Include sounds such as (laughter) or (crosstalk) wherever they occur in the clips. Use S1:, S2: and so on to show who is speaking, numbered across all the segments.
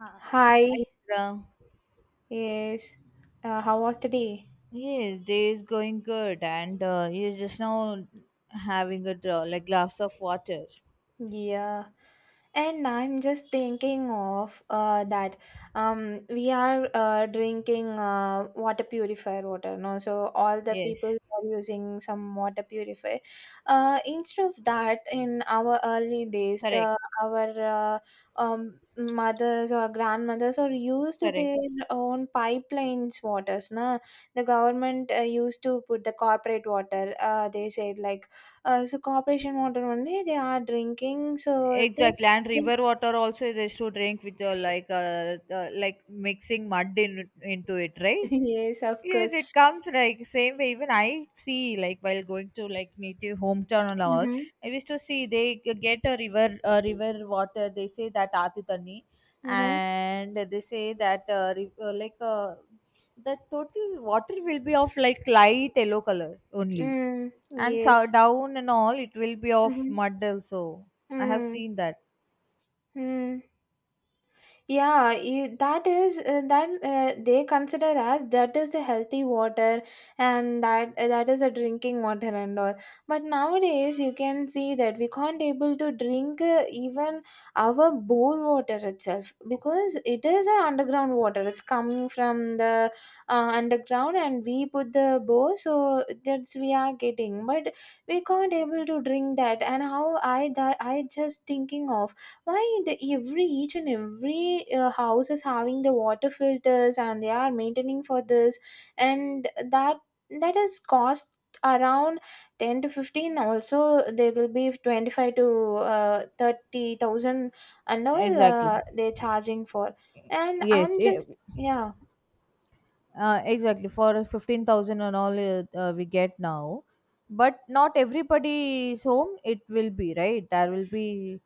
S1: Right, Uh,
S2: Hi,
S1: Hi, Indra.
S2: yes. How was the day?
S1: Yes, day is going good, and you're just now having a like glass of water.
S2: Yeah. And I'm just thinking of that we are drinking water purifier water, no? So all the people
S1: Yes.
S2: are using some water purifier. Instead of that, in our early days,
S1: Correct,
S2: our mothers or grandmothers or used
S1: correct.
S2: their own pipelines waters. Na? The government used to put the corporate water. They said like. So corporation water only they are drinking. So they
S1: Exactly. And river water also is to drink with like mixing mud in into it, right?
S2: (laughs) yes, of
S1: Yes,
S2: course.
S1: it comes like same way. Even I see like while going to like native hometown and all,
S2: Mm-hmm.
S1: I used to see they get a river water. They say that atitani,
S2: Mm-hmm.
S1: and they say that the total water will be of like light yellow color only,
S2: Mm.
S1: and so
S2: Yes.
S1: down and all it will be of
S2: Mm-hmm.
S1: mud also. I have
S2: Mm.
S1: seen that
S2: Mm. Yeah, you, that is, that they consider as that is the healthy water, and that is a drinking water and all. But nowadays you can see that we can't able to drink even our bore water itself, because it is a underground water. It's coming from the underground, and we put the bore, so that's we are getting. But we can't able to drink that. And how I that I just thinking of why the every each and every house is having the water filters, and they are maintaining for this, and that that is cost around 10 to 15 also, there will be 25 to 30,000 and all
S1: exactly.
S2: they're charging for. And
S1: Yes,
S2: I'm just, yeah.
S1: exactly for 15,000 and all, we get now, but not everybody's home it will be, right? There will be,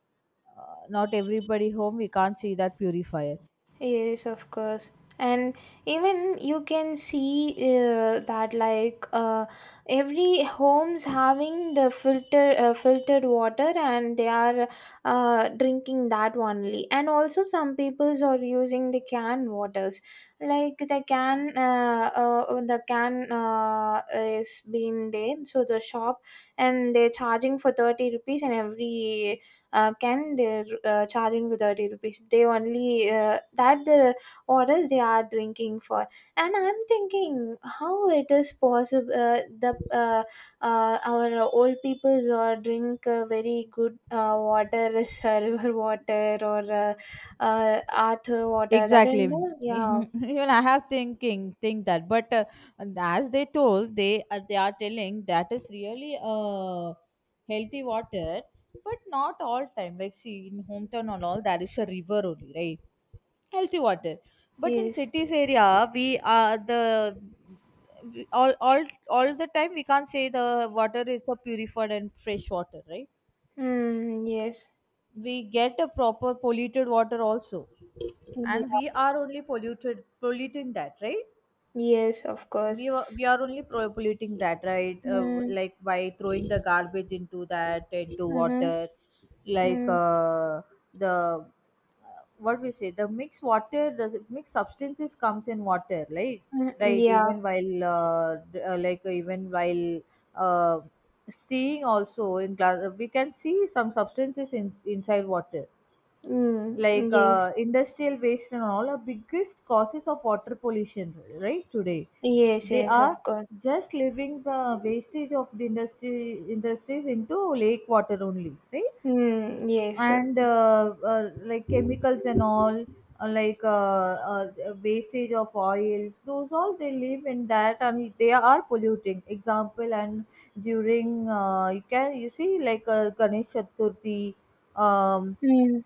S1: not everybody home we can't see that purifier
S2: Yes, of course. And even you can see that like every homes having the filter filtered water, and they are drinking that only. And also some peoples are using the can waters. Like the can, is being there, so the shop and they're charging for 30 rupees, and every can they're charging with 30 rupees, they only that the orders they are drinking for. And I'm thinking how it is possible, the our old peoples or drink very good water, (laughs) is river water or uh, earth water, that
S1: exactly.
S2: and
S1: (laughs)
S2: all, yeah.
S1: Even I have thinking think that, but as they told, they are telling that is really, healthy water, but not all time. Like, see, in hometown and all, that is a river only, right? Healthy water. But in
S2: Yes.
S1: cities area, we are the, all all the time we can't say the water is the purified and fresh water, right?
S2: Mm, yes.
S1: We get a proper polluted water also, and we
S2: Yeah.
S1: are only polluted polluting that, right?
S2: Yes, of course.
S1: We are only polluting that, right?
S2: Mm.
S1: Like, by throwing the garbage into
S2: Mm-hmm.
S1: water. Like,
S2: Mm.
S1: the, what we say, the mixed water, the mixed substances comes in water, like,
S2: Mm.
S1: right?
S2: Yeah.
S1: Even while even while, uh, seeing also in glass, we can see some substances inside water.
S2: Mm.
S1: Like,
S2: Yes.
S1: industrial waste and all are biggest causes of water pollution, right? Today
S2: Yes,
S1: they
S2: yes,
S1: are
S2: of course.
S1: just leaving the wastage of the industry industries into lake water only, right?
S2: Mm, yes.
S1: And like chemicals and all, uh, like uh, uh, wastage of oils, those all they live in that and they are polluting. Example, and during, you can, you see, like, ganesh chaturthi, um,
S2: Mm.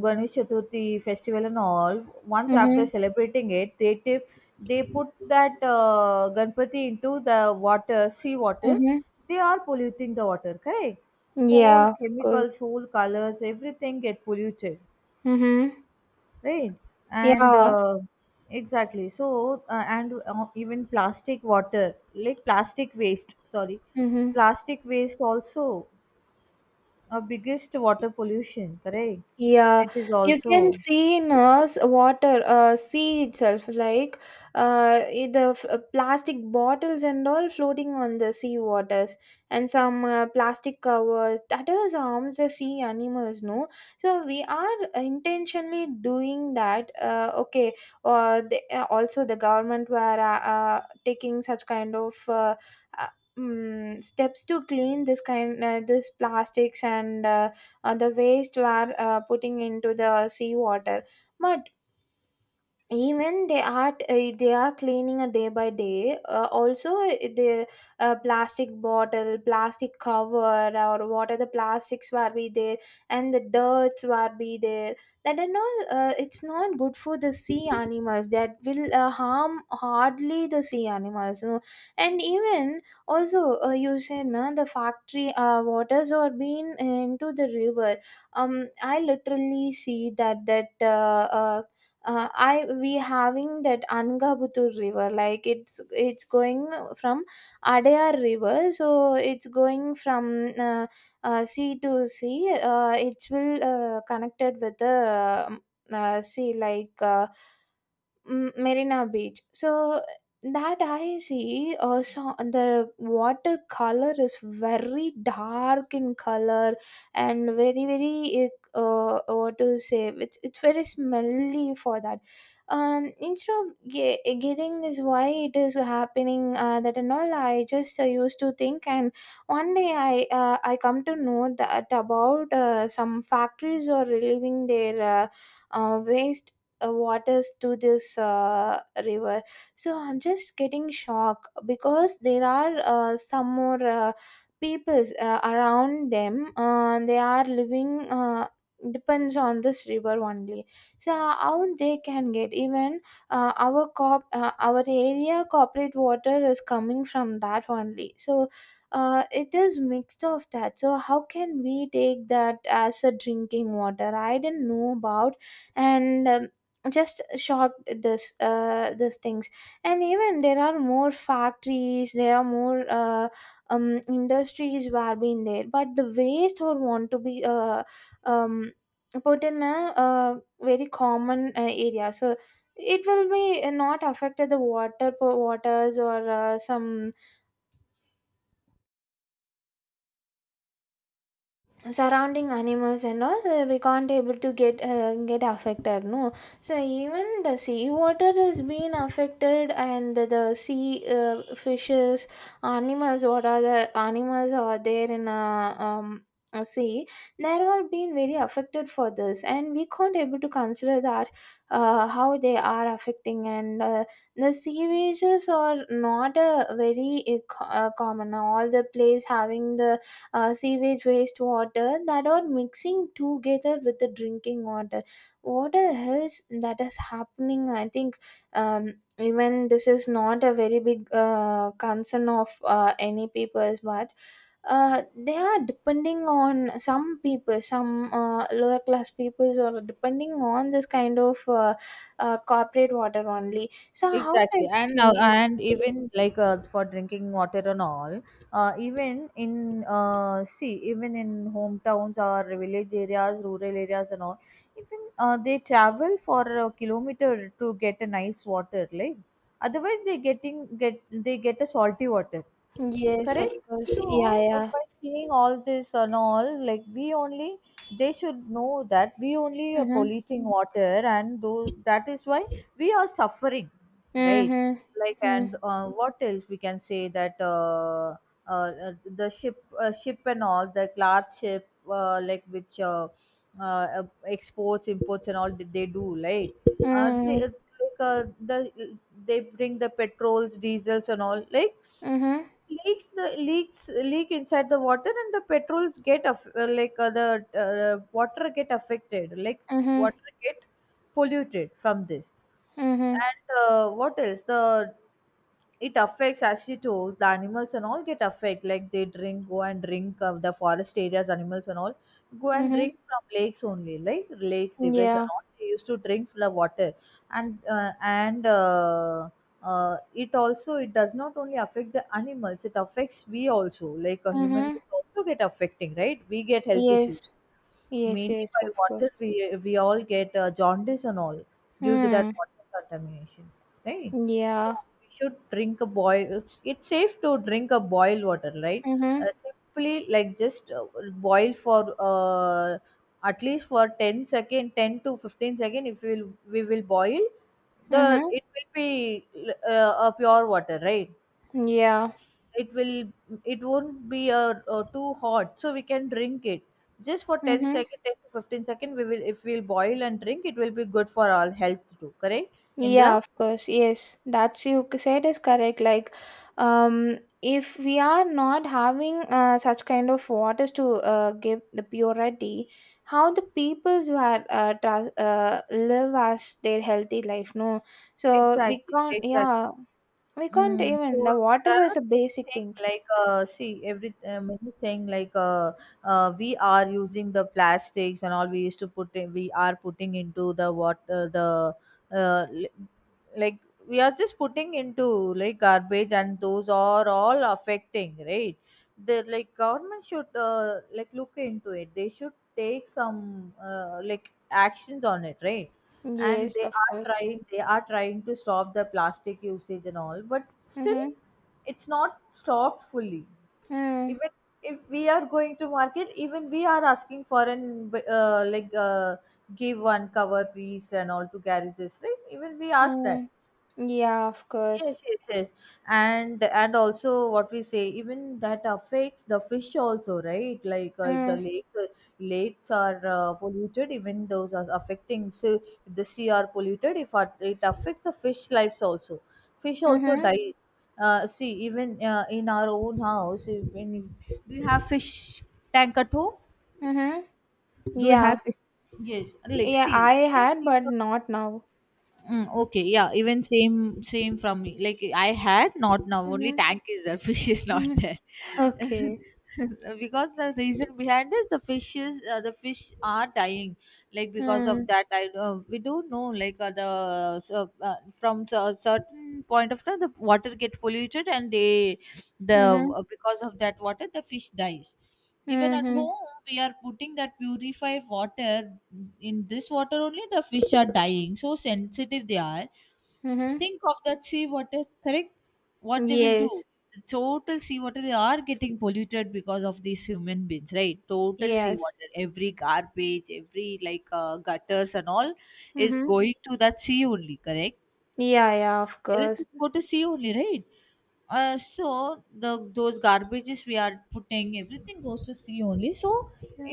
S1: Ganesh Chaturthi festival and all. Once after
S2: Mm-hmm.
S1: celebrating it, they tip, they put that, Ganpati into the water, sea water.
S2: Mm-hmm.
S1: They are polluting the water, correct? All
S2: Yeah, of course.
S1: chemicals, whole colors, everything get polluted,
S2: Mm-hmm.
S1: right? And
S2: Yeah.
S1: exactly. So and even plastic water, like plastic waste. Sorry,
S2: Mm-hmm.
S1: plastic waste also a biggest water pollution, correct?
S2: Yeah,
S1: It is
S2: you can
S1: also.
S2: see in us water, sea itself, like plastic bottles and all floating on the sea waters, and some plastic covers. That is harms the sea animals, no? So we are intentionally doing that. Okay, or the, also the government were taking such kind of. Uh, Steps to clean this kind, this plastics, and the waste were putting into the sea water, but even they are, they are cleaning a day by day, also the plastic bottle plastic cover, or what are the plastics were be there, and the dirts were be there, that are all, it's not good for the sea animals, that will harm hardly the sea animals. And even also, you said, na, the factory waters are being into the river. I literally see that that I we having that angabutur river, like it's going from adayar river, so it's going from uh, sea to sea, it will connected with the sea, like M- Marina Beach. So that I see also the watercolor is very dark in color, and very very, what to say, it's very smelly for that. Instead of getting this, why it is happening, that and all, I just used to think, and one day I come to know that about some factories are relieving their waste waters to this river. So I'm just getting shocked, because there are some more peoples around them, they are living, depends on this river only. So how they can get even, our area corporate water is coming from that only, so it is mixed of that, so how can we take that as a drinking water? I didn't know about. And just shocked at this, these things. And even there are more factories, there are more industries were being there, but the waste would want to be um put in a, very common area, so it will be not affected the water waters, or some surrounding animals and all, we can't able to get affected, no. So even the sea water is being affected, and the sea fishes animals, what are the animals are there in a sea, they are all being very affected for this, and we can't able to consider that, how they are affecting. And the sea wages are not a very common, all the place having the sewage wastewater that are mixing together with the drinking water. What else that is happening, I think, even this is not a very big concern of any peoples, but they are depending on some people, some lower class peoples are depending on this kind of corporate water only. So how
S1: Exactly.
S2: it's
S1: And
S2: coming
S1: even like, for drinking water and all, even in, see, even in hometowns or village areas, rural areas and all, even, they travel for a kilometer to get a nice water, like, otherwise they get a salty water.
S2: in? Yes, of
S1: Correct.
S2: course. Yeah,
S1: So,
S2: yeah.
S1: by seeing all this and all, like, we only, they should know that we only are
S2: Mm-hmm.
S1: polluting water, and though, that is why we are suffering, right?
S2: Mm-hmm.
S1: Like,
S2: Mm-hmm.
S1: and what else we can say that, uh, uh, the ship and all, the large ship, like which, uh, exports, imports and all that they do, like, they
S2: Mm.
S1: like, the, they bring the petrols, diesels and all, like,
S2: Mhm.
S1: leaks, the leak inside the water, and the petrols get aff- like the water get affected, like
S2: Mhm.
S1: water get polluted from this.
S2: Mhm.
S1: And what else, the, it affects, as you told, the animals and all get affected. Like, they drink, go and drink, the forest areas animals and all go and drink
S2: Mhm.
S1: from lakes only. Like lakes, rivers and
S2: Yeah.
S1: all, they used to drink from the water. And it also, it does not only affect the animals, it affects we also, like a human
S2: Mhm.
S1: beings also get affecting, right? We get health
S2: Yes.
S1: issues
S2: Yes.
S1: mainly
S2: Yes.
S1: by
S2: Of
S1: water.
S2: course.
S1: We all get, jaundice and all due to that
S2: Mm.
S1: water contamination, right? So
S2: Yeah.
S1: we should drink a boil, it's safe to drink a boiled water, right? Uh,
S2: Mhm.
S1: simply like just, boil for, at least for 10 second, 10 to 15 second, if we will boil, the,
S2: Mhm.
S1: it will be, a pure water, right?
S2: Yeah.
S1: It will, it won't be a, uh, too hot, so we can drink it just for ten
S2: Mhm.
S1: second, 10 to 15 second. We will, if we'll boil and drink, it will be good for our health too, correct? Indra,
S2: Yeah. Of course. Yes. That's you said is correct. Like, if we are not having such kind of waters to give the purity, how the peoples were live as their healthy life? No. So we
S1: exactly,
S2: can't.
S1: exactly.
S2: Yeah. We can't
S1: Mm,
S2: even.
S1: so
S2: The water
S1: there
S2: is
S1: are
S2: a
S1: many
S2: basic
S1: things
S2: thing.
S1: like, see, every, many thing like, we are using the plastics and all. We used to we are putting into the water, the, uh, li- like we are just putting into like garbage, and those are all affecting, right? The, like, government should, like, look into it. They should take some, like, actions on it, right? And
S2: Yes, of course.
S1: they are trying to stop the plastic usage and all, but still
S2: Mm-hmm.
S1: it's not stopped fully.
S2: Mm,
S1: Even if we are going to market, even we are asking for an, like, give one cover piece and all to carry this, right? Even we ask that.
S2: mm. Yeah, of course.
S1: Yes, yes, yes. And also, what we say, even that affects the fish also, right? Like, if the
S2: Mm,
S1: lakes, lakes are, polluted, even those are affecting. So if the sea are polluted, if our- it affects the fish lives also. Fish also
S2: mm-hmm.
S1: dies. See, even, in our own house, if when, do you have fish tank at home?
S2: Mm-hmm.
S1: Do you
S2: Yeah.
S1: have fish? Yes, like,
S2: Yeah, I
S1: see, we can
S2: had,
S1: see
S2: but
S1: from.
S2: not now.
S1: Mm, okay, yeah, even same from me. Like, I had not now. Only
S2: Mm-hmm.
S1: tank is there. (laughs) Fish is not
S2: Mm-hmm.
S1: there.
S2: (laughs) Okay.
S1: (laughs) Because the reason behind is the fishes, the fish are dying, like, because of
S2: Mm,
S1: that, I we don't know, like, the, so, from a certain point of time the water get polluted, and they, the,
S2: mm-hmm.
S1: because of that water the fish dies. Even at
S2: Mm-hmm.
S1: home we are putting that purified water. In this water only the fish are dying, so sensitive they are.
S2: Mm-hmm.
S1: Think of that sea water, correct? What they will do?
S2: Yes.
S1: The total sea water, they are getting polluted because of these human beings, right? Total sea
S2: Yes.
S1: water, every garbage, every, like, gutters and all is
S2: Mm-hmm.
S1: going to that sea only, correct?
S2: Yeah, yeah, of
S1: Everything
S2: course.
S1: go to sea only, right? Uh, so the, those garbages we are putting, everything goes to sea only, so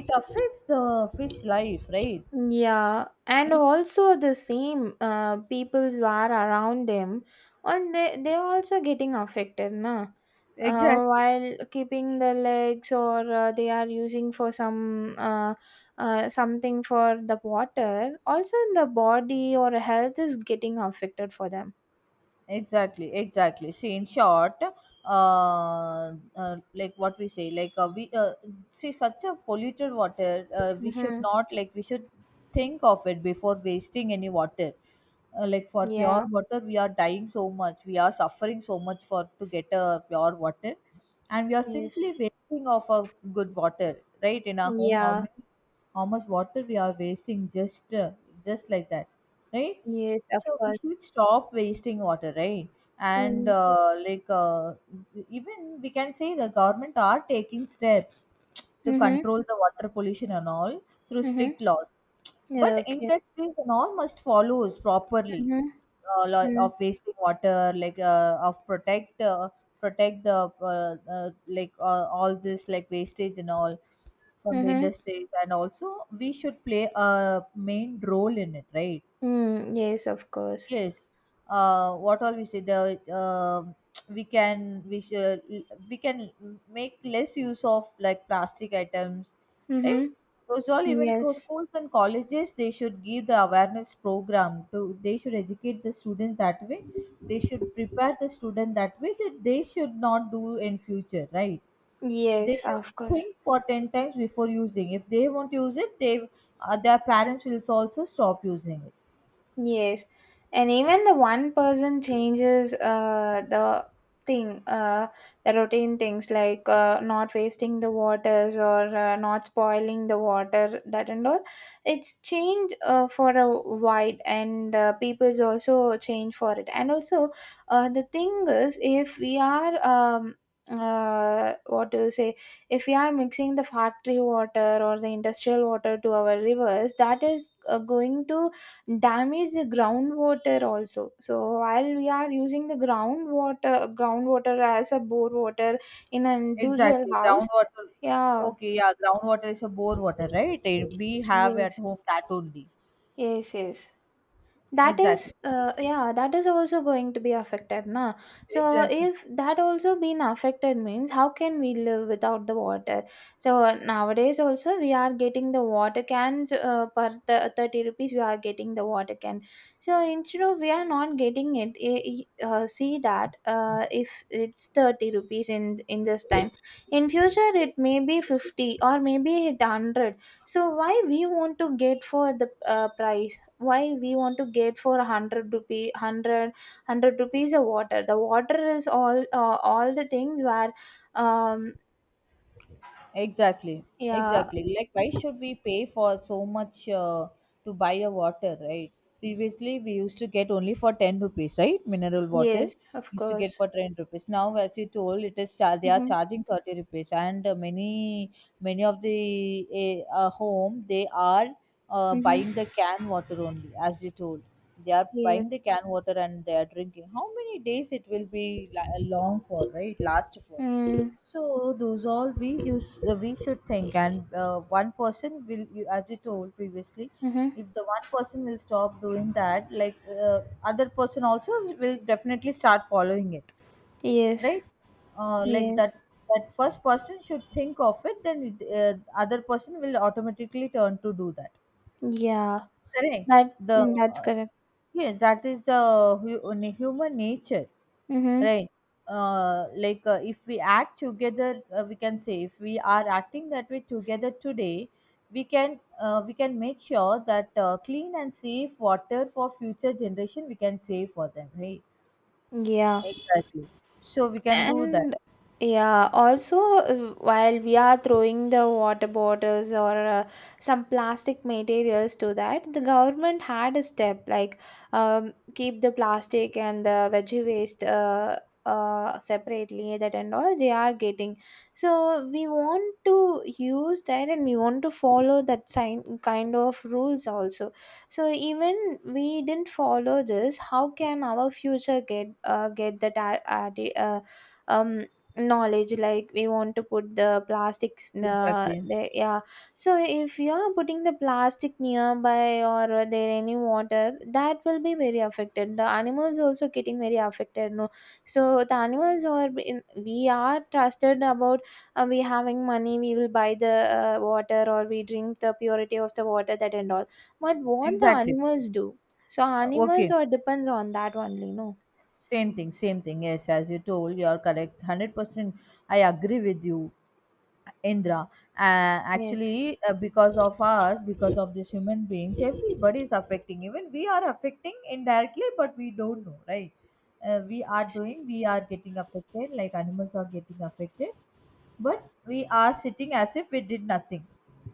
S1: it affects the fish life, right?
S2: Yeah, and
S1: In-,
S2: also the same people who are around them, and they are also getting affected, na.
S1: exactly,
S2: While keeping the legs, or they are using for some something for the water, also the body or health is getting affected for them.
S1: exactly, exactly. See, in short, like, what we say, like, we, see such a polluted water, we should
S2: Mm-hmm.
S1: not, like, we should think of it before wasting any water. Uh, like, for pure
S2: Yeah.
S1: water we are dying so much, we are suffering so much for to get a pure water, and we are simply
S2: Yes.
S1: wasting of a good water, right? In our home,
S2: Yeah.
S1: how much water we are wasting, just, just like that, right?
S2: Yes. Of
S1: So we
S2: course.
S1: should stop wasting water, right? And
S2: Mm.
S1: even we can say the government are taking steps to
S2: Mm-hmm.
S1: control the water pollution and all through strict
S2: Mm-hmm.
S1: laws, but
S2: Yeah, okay.
S1: industries and all must follows properly.
S2: Mm-hmm.
S1: Uh, of wasting water, like, of protect protect the, all this like wastage and all from the
S2: Mm-hmm.
S1: industries, and also we should play a main role in it, right?
S2: Mm. Yes. Of course.
S1: Yes. What all we say, the, (tsk) we can we should, we can make less use of like plastic items, right?
S2: Mm-hmm.
S1: Those all, even,
S2: Yes.
S1: schools and colleges, they should give the awareness program to, they should educate the students that way. They should prepare the student that way, that they should not do in future, right? They
S2: Yes,
S1: should
S2: of course.
S1: think for ten times before using. If they won't use it, they, their parents will also stop using it.
S2: Yes, and even the one person changes thing, uh, the routine things, like not wasting the waters, or not spoiling the water, that and all. It's change for a wide, and people's also change for it. And also, the thing is, if we are what do you say? If we are mixing the factory water or the industrial water to our rivers, that is going to damage the groundwater also, so while we are using the groundwater as a bore water in an individual
S1: Exactly.
S2: house.
S1: Groundwater.
S2: Yeah.
S1: Okay, yeah, groundwater is a bore water, right? Eh, we have at
S2: Yes.
S1: home that only.
S2: Yes, yes, that is,
S1: Exactly.
S2: yeah, that is also going to be affected, na. So
S1: Exactly.
S2: if that also been affected means, how can we live without the water? So nowadays also, we are getting the water cans per 30 rupees we are getting the water can. So instead of we are not getting it, see that, if it's 30 rupees in this time, in future it may be 50, or maybe it 100. So why we want to get for the price? Why we want to get for 100 rupee, 100 rupees a water? The water is all the things where um
S1: Exactly.
S2: yeah.
S1: Exactly. Like, why should we pay for so much, to buy a water, right? Previously, we used to get only for 10 rupees, right? Mineral water
S2: Yes, of
S1: we used to get
S2: course.
S1: for 10 rupees. Now, as you told, it is they are
S2: Mm-hmm.
S1: charging 30 rupees, and many of the home they are,
S2: Mm-hmm.
S1: buying the can water only, as you told. They are buying
S2: Yes.
S1: the canned water and they are drinking how many days it will be long for, right? Last for,
S2: Mm-hmm.
S1: so those all we use, we should think and one person will, you as you told previously,
S2: Mm-hmm.
S1: if the one person will stop doing that, like other person also will definitely start following it,
S2: Yes.
S1: right? Like
S2: Yes.
S1: that, that first person should think of it, then it, other person will automatically turn to do that.
S2: Yeah,
S1: Correct.
S2: that,
S1: The
S2: mm, that's
S1: uh,
S2: correct.
S1: yes, that is the human nature,
S2: Mm-hmm.
S1: right? Like if we act together, we can say if we are acting that way together today, we can make sure that clean and safe water for future generation we can save for them, right?
S2: Yeah.
S1: Exactly. So we can do that.
S2: And yeah, also, while we are throwing the water bottles, or some plastic materials to that, the government had a step like, keep the plastic and the veggie waste separately. That and all they are getting. So we want to use that, and we want to follow that sign kind of rules also. So even we didn't follow this, how can our future get that? Uh, um Knowledge, like we want to put the plastics
S1: Exactly.
S2: there, yeah. So if you are putting the plastic nearby or there any water, that will be very affected, the animals also getting very affected, no. So the animals are in, we are trusted about, we having money, we will buy the water, or we drink the purity of the water, that and all. But what the
S1: Exactly.
S2: animals do? So animals
S1: Okay.
S2: or depends on that only, no.
S1: Same thing. Same thing. Yes, as you told, you are correct. 100%. I agree with you. Indra.
S2: Yes.
S1: Actually, because of us, because of this human beings, everybody is affecting. Even we are affecting indirectly, but we don't know, right? We are doing, we are getting affected, like animals are getting affected, but we are sitting as if we did nothing,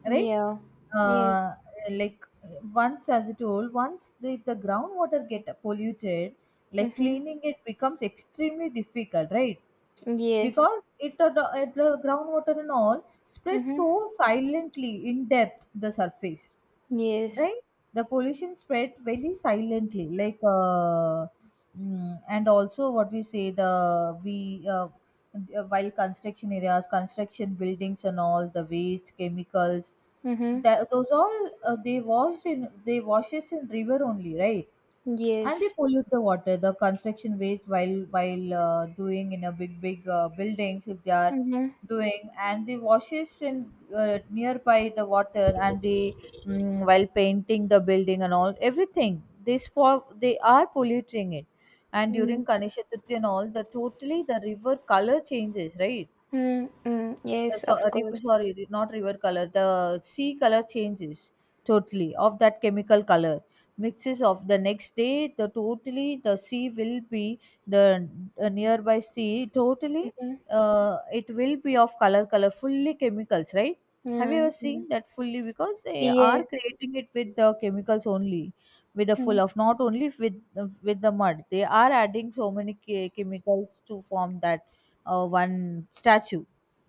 S1: right?
S2: Yeah. Yes.
S1: Uh, like once, as I told, once if the groundwater get polluted, like
S2: Mhm.
S1: cleaning it becomes extremely difficult, right?
S2: Yes.
S1: Because it the groundwater and all spreads
S2: Mhm.
S1: so silently in depth the surface,
S2: Yes.
S1: right? The pollution spread very silently, like and also what we say the we while construction areas, construction buildings and all the waste chemicals,
S2: Mhm.
S1: that those all, they wash in they washes in river only, right? And they
S2: Yes.
S1: pollute the water, the construction waste, while doing in a big big buildings, if they are
S2: Mhm.
S1: doing and the washes in nearby the water, and they, while painting the building and all, everything they they are polluting it. And
S2: Mm.
S1: during ganesh chaturthi and all, the totally the river color changes, right?
S2: Mm. Mm. Yes, of course.
S1: Sorry, not river color. The sea color changes, totally of that chemical color mixes, of the next day. The totally the sea will be the nearby sea totally.
S2: Mhm.
S1: It will be of color, color fully chemicals, right? Have you ever
S2: Mm.
S1: seen
S2: Mm.
S1: that fully? Because they are
S2: Yes.
S1: creating it with the chemicals only, with the full
S2: Mm.
S1: of, not only with the mud. They are adding so many chemicals to form that one statue.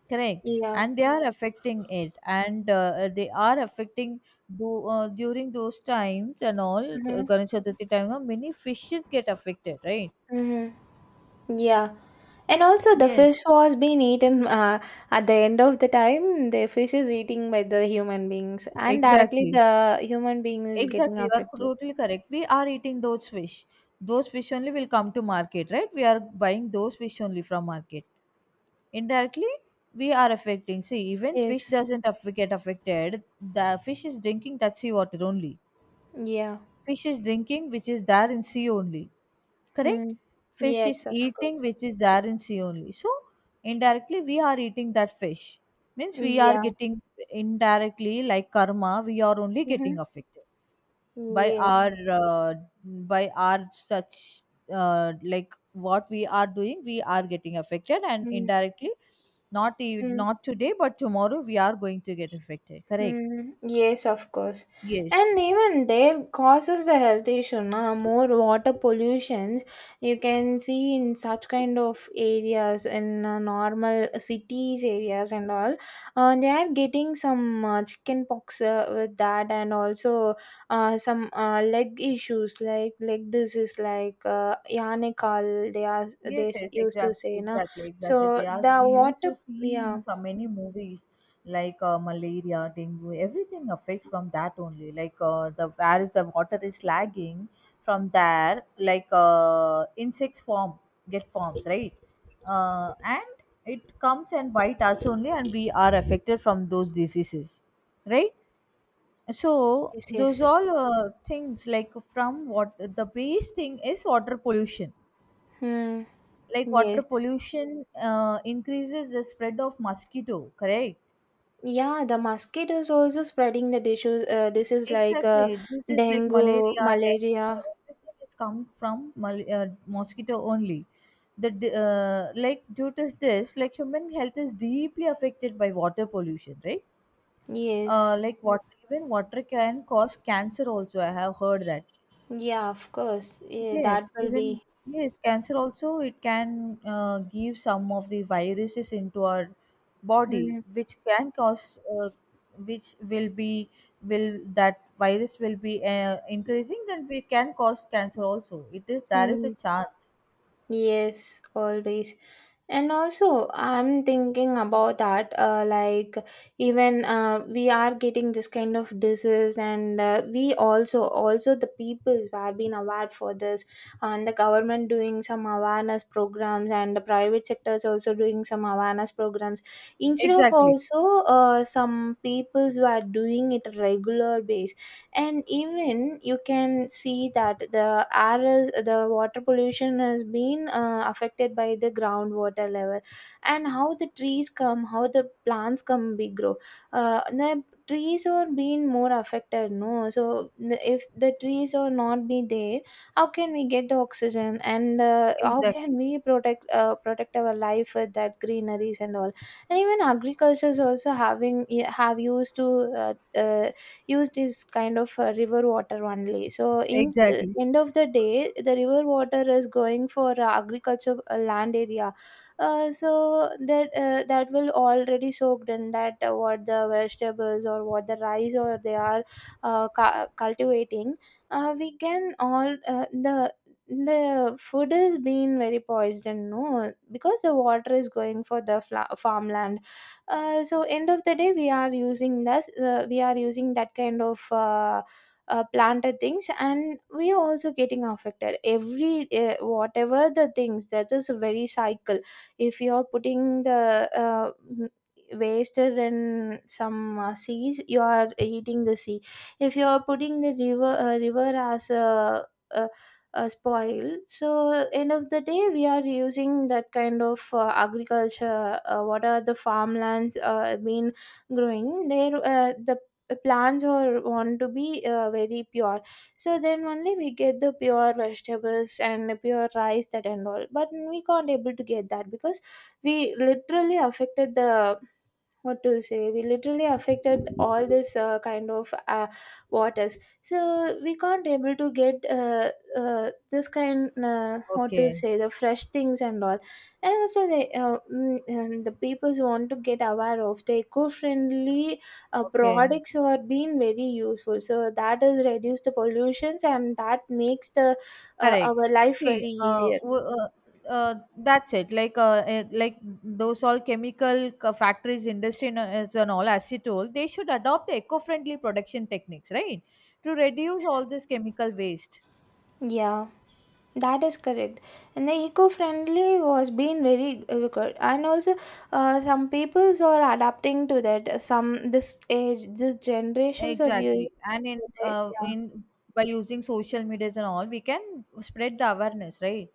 S1: Correct.
S2: Yeah.
S1: And they are affecting it, and they are affecting, during those times and all,
S2: Mhm.
S1: ganesh chaturthi time, many fishes get affected, right?
S2: Mhm. Yeah. And also the
S1: Yes,
S2: fish was being eaten at the end of the time the fish is eating by the human beings and directly
S1: exactly,
S2: the human being is getting
S1: exactly, you are
S2: affected.
S1: totally correct. We are eating those fish. Those fish only will come to market, right? We are buying those fish only from market. Indirectly, we are affecting. See, even fish
S2: Yes.
S1: doesn't aff- get affected. The fish is drinking that sea water only.
S2: Yeah.
S1: Fish is drinking which is there in sea only. Correct.
S2: Mm.
S1: Fish is
S2: Yes, of
S1: eating
S2: course.
S1: which is there in sea only. So indirectly we are eating that fish, means we are
S2: Yeah.
S1: getting, indirectly, like karma, we are only getting
S2: Mhm.
S1: affected by
S2: Yes.
S1: our, uh, by our such, like what we are doing, we are getting affected, and indirectly,
S2: Mm-hmm.
S1: not today but tomorrow we are going to get affected, correct?
S2: Yes, of course. And
S1: Yes.
S2: even there causes the health issue, na? More water pollutions you can see in such kind of areas in normal cities areas and all. They are getting some chicken pox with that, and also some leg issues like leg disease, like yarnical. They are
S1: Yes, yes,
S2: used to
S1: exactly,
S2: say, na?
S1: exactly, exactly. They
S2: So
S1: ask,
S2: the
S1: we used
S2: water,
S1: to see in
S2: yeah.
S1: so many movies, like malaria, dengue, everything affects from that only. Like the where is the water is lagging, from there, like insects form, get forms, right? And it comes and bite us only, and we are affected from those diseases, right? So
S2: Yes,
S1: those
S2: yes.
S1: all things, like from what the base thing is water pollution,
S2: Hmm.
S1: like water
S2: Yes.
S1: pollution increases the spread of mosquito, correct?
S2: Yeah, the mosquitoes also spreading the disease like
S1: Exactly, this is like
S2: dengue,
S1: malaria, dengue,
S2: malaria.
S1: everything is come from mosquito only. The like due to this, like human health is deeply affected by water pollution, right?
S2: Yes.
S1: Like water, even water can cause cancer also, I have heard that.
S2: Yeah, of course. Yeah, that
S1: Yes,
S2: will
S1: even,
S2: be.
S1: yes, cancer also, it can give some of the viruses into our body,
S2: Hmm.
S1: which can cause, which will that virus will be increasing, then we can cause cancer also. It is, there is a
S2: Hmm.
S1: chance.
S2: Yes, always. And also, I'm thinking about that. Even we are getting this kind of disease, and also the peoples who have been aware for this, and the government doing some awareness programs, and the private sectors also doing some awareness programs. Instead of
S1: Exactly,
S2: also some peoples who are doing it regular basis and even you can see that the air is the water pollution has been affected by the groundwater level and how the trees come how the plants come big grow the trees are being more affected no so if the trees are not be there how can we get the oxygen and how
S1: exactly,
S2: can we protect protect our life with that greeneries and all and even agriculture is also having have used to uh, uh, used is kind of river water only. So in
S1: exactly.
S2: end of the day, the river water is going for agriculture land area. So that that will already soaked in that what the vegetables or what the rice or they are cultivating. We can all the the food is being very poisoned no because the water is going for the farmland so end of the day we are using this we are using that kind of planted things and we are also getting affected every whatever the things that is a very cycle if you are putting the wasted in some seas you are eating the sea if you are putting the river river as a spoil. So end of the day, we are using that kind of agriculture. What are the farmlands been growing? There, the plants are want to be very pure. So then only we get the pure vegetables and pure rice that and all. But we can't able to get that because we literally affected the what to say we literally affected all this kind of waters so we can't able to get this kind what to
S1: Okay,
S2: say the fresh things and all and also they and the peoples want to get aware of the eco-friendly
S1: okay.
S2: products are being very useful so that has reduced the pollutions and that makes the
S1: Correct.
S2: our life
S1: See,
S2: very easier
S1: that's it. Like, like those all chemical factories, industry, and all acetyl, they should adopt the eco-friendly production techniques, right, to reduce all this chemical waste.
S2: yeah. That is correct. And the eco-friendly was being very good. And also, some peoples are adapting to that. Some this age, this generations are using
S1: Exactly, and
S2: it. Yeah.
S1: in by using social medias and all, we can spread the awareness, right?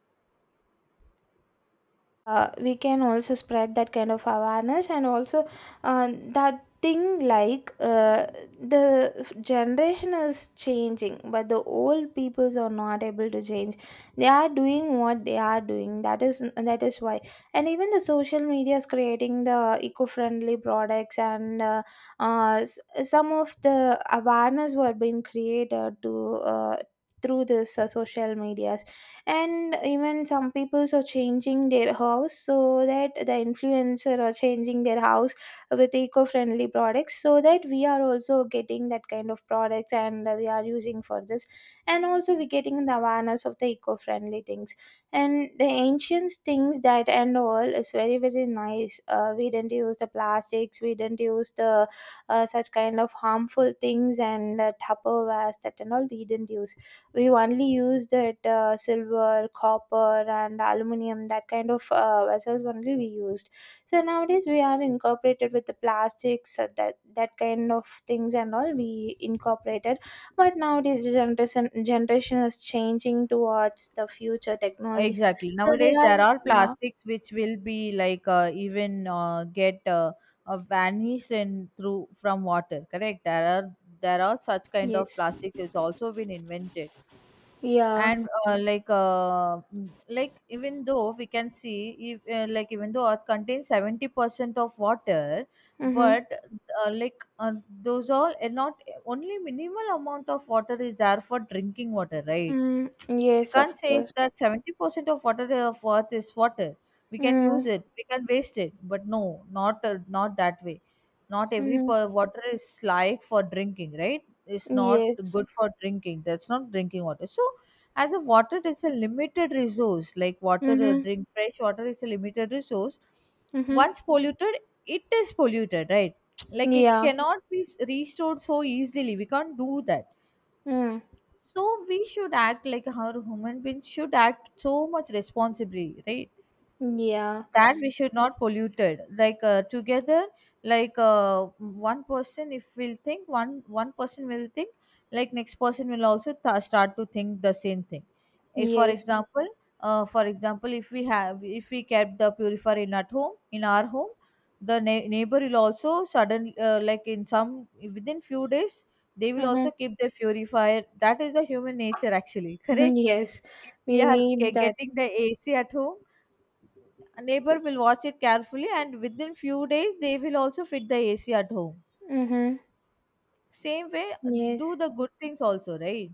S2: We can also spread that kind of awareness and also that thing like generation is changing but the old peoples are not able to change they are doing what they are doing that is why and even the social media is creating the eco-friendly products and some of the awareness were being created to through this social medias and even some people are changing their house so that the influencer are changing their house with eco-friendly products so that we are also getting that kind of products and we are using for this and also we getting the awareness of the eco-friendly things and the ancient things that and all is very very nice we didn't use the plastics we didn't use the such kind of harmful things and tupperwares that and all we didn't use we only used it silver copper and aluminum that kind of vessels only we used so nowadays we are incorporated with the plastics that kind of things and all we incorporated but nowadays the generation is changing towards the future technologies
S1: Exactly.
S2: so they
S1: Nowadays,
S2: are
S1: there are
S2: yeah
S1: plastics which will be like even get vanished in through from water. Correct. There are such kind of
S2: yes.
S1: plastic. It's also been invented,
S2: Yeah.
S1: and like like even though we can see if like even though Earth contains 70% of water,
S2: Mm-hmm.
S1: but like those all, and not only minimal amount of water is there for drinking water, right?
S2: Mm,
S1: We
S2: yes of
S1: can't say
S2: course.
S1: that 70% of water of earth is water, we can use
S2: Mm.
S1: it, we can waste it. But no, not not that way. Not every
S2: Mm,
S1: per- water is like for drinking, right? It's not
S2: yes.
S1: good for drinking, that's not drinking water. So as a water, it's a limited resource, like water,
S2: Mm-hmm.
S1: drink, fresh water is a limited resource.
S2: Mm-hmm.
S1: Once polluted, it is polluted, right? (tsk) Like it
S2: Yeah.
S1: cannot be restored so easily, we can't do that.
S2: Mm.
S1: So we should act, like our human beings should act so much responsibly, right?
S2: Yeah.
S1: That we should not polluted, like together, like one person, if we'll think, one person will think, like next person will also start to think the same thing. If, for
S2: Yes.
S1: example, for example, if we have, if we kept the purifier in at home, in our home, the neighbor will also suddenly, like in some, within few days, they will
S2: Mm-hmm.
S1: also keep their purifier. That is the human nature, actually,
S2: (laughs)
S1: correct?
S2: Yes.
S1: If we
S2: We
S1: are
S2: need that.
S1: getting the ac at home, a neighbor will watch it carefully, and within few days they will also fit the AC at home.
S2: Mm-hmm.
S1: Same way, do
S2: Yes.
S1: the good things also, right?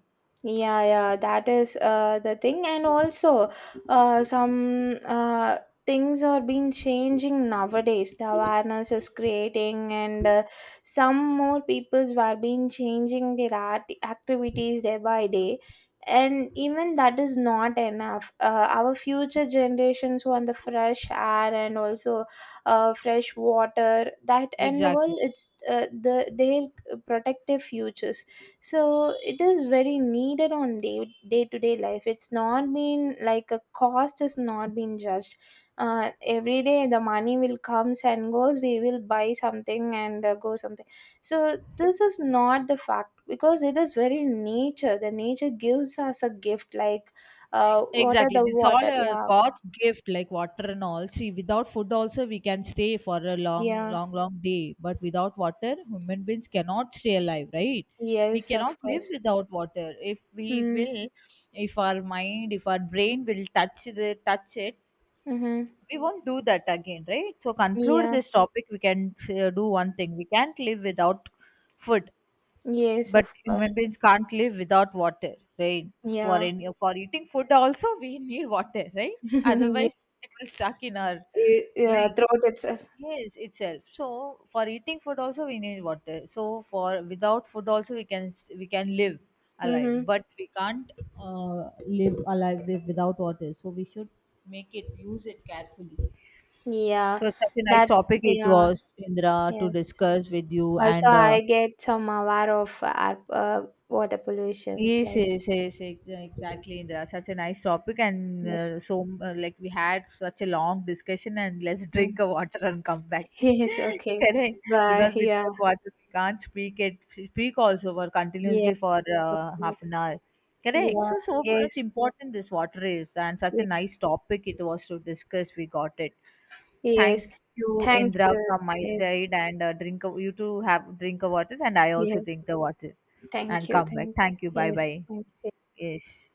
S2: Yeah, yeah, that is the thing, and also some things are being changing nowadays. The awareness is creating, and some more peoples were being changing their art activities day by day, and even that is not enough. Our future generations want the fresh air and also fresh water. That and all,
S1: Exactly.
S2: it's the their protective futures so it is very needed on day day to day life it's not been like a cost is not being judged every day the money will comes and goes we will buy something and go something so this is not the fact because it is very nature the nature gives us a gift like what are
S1: Exactly.
S2: the
S1: It's all
S2: water
S1: a
S2: yeah
S1: God's gift, like water and all. See, without food also we can stay for a long,
S2: yeah
S1: long, long day. But without water, human beings cannot stay alive, right? We
S2: yes of
S1: cannot live
S2: course.
S1: without water. If we
S2: Mm.
S1: will, if our mind, if our brain will touch it,
S2: Mm-hmm.
S1: we won't do that again, right? So conclude
S2: Yeah
S1: this topic, we can do one thing, we can't live without food,
S2: yes
S1: but
S2: of course
S1: human beings can't live without water, right? For
S2: yeah.
S1: any, for eating food also we (laughs) need water, right?
S2: (laughs) Yeah,
S1: Otherwise it will stuck in our,
S2: yeah,
S1: like,
S2: throat itself.
S1: yes, itself. So for eating food also we need water. So for without food also we can we can live alive,
S2: Mm-hmm.
S1: but we can't uh, live alive with- without water. So we should make it, use it carefully. So
S2: Yeah,
S1: such a nice
S2: that's
S1: topic it
S2: yeah,
S1: was, Indra, to
S2: yes.
S1: discuss with you.
S2: Also,
S1: And
S2: I get some aware of air, water pollutions.
S1: yes,
S2: Like
S1: yes, yes, exactly, Indra. Such a nice topic, and
S2: yes,
S1: like we had such a long discussion. And let's drink a
S2: mm.
S1: water and come back.
S2: (laughs) Yes,
S1: (laughs)
S2: okay,
S1: Correct, because
S2: but yeah,
S1: without water we can't speak it. Speak also for
S2: yeah,
S1: continuously for
S2: of
S1: half
S2: course,
S1: an hour. Correct.
S2: yeah,
S1: So so much
S2: yes,
S1: important this water is, and such a
S2: yeah,
S1: nice topic it was to discuss. We got it.
S2: yes.
S1: Thank you,
S2: Thank
S1: Indra,
S2: you.
S1: from my
S2: Yes,
S1: side, and drink. A, you too have drink a water, and I also
S2: yeah.
S1: drink the water,
S2: Thank
S1: and
S2: you.
S1: come back.
S2: Thank you.
S1: Thank you. Bye
S2: Yes,
S1: bye.
S2: thank you.
S1: Yes.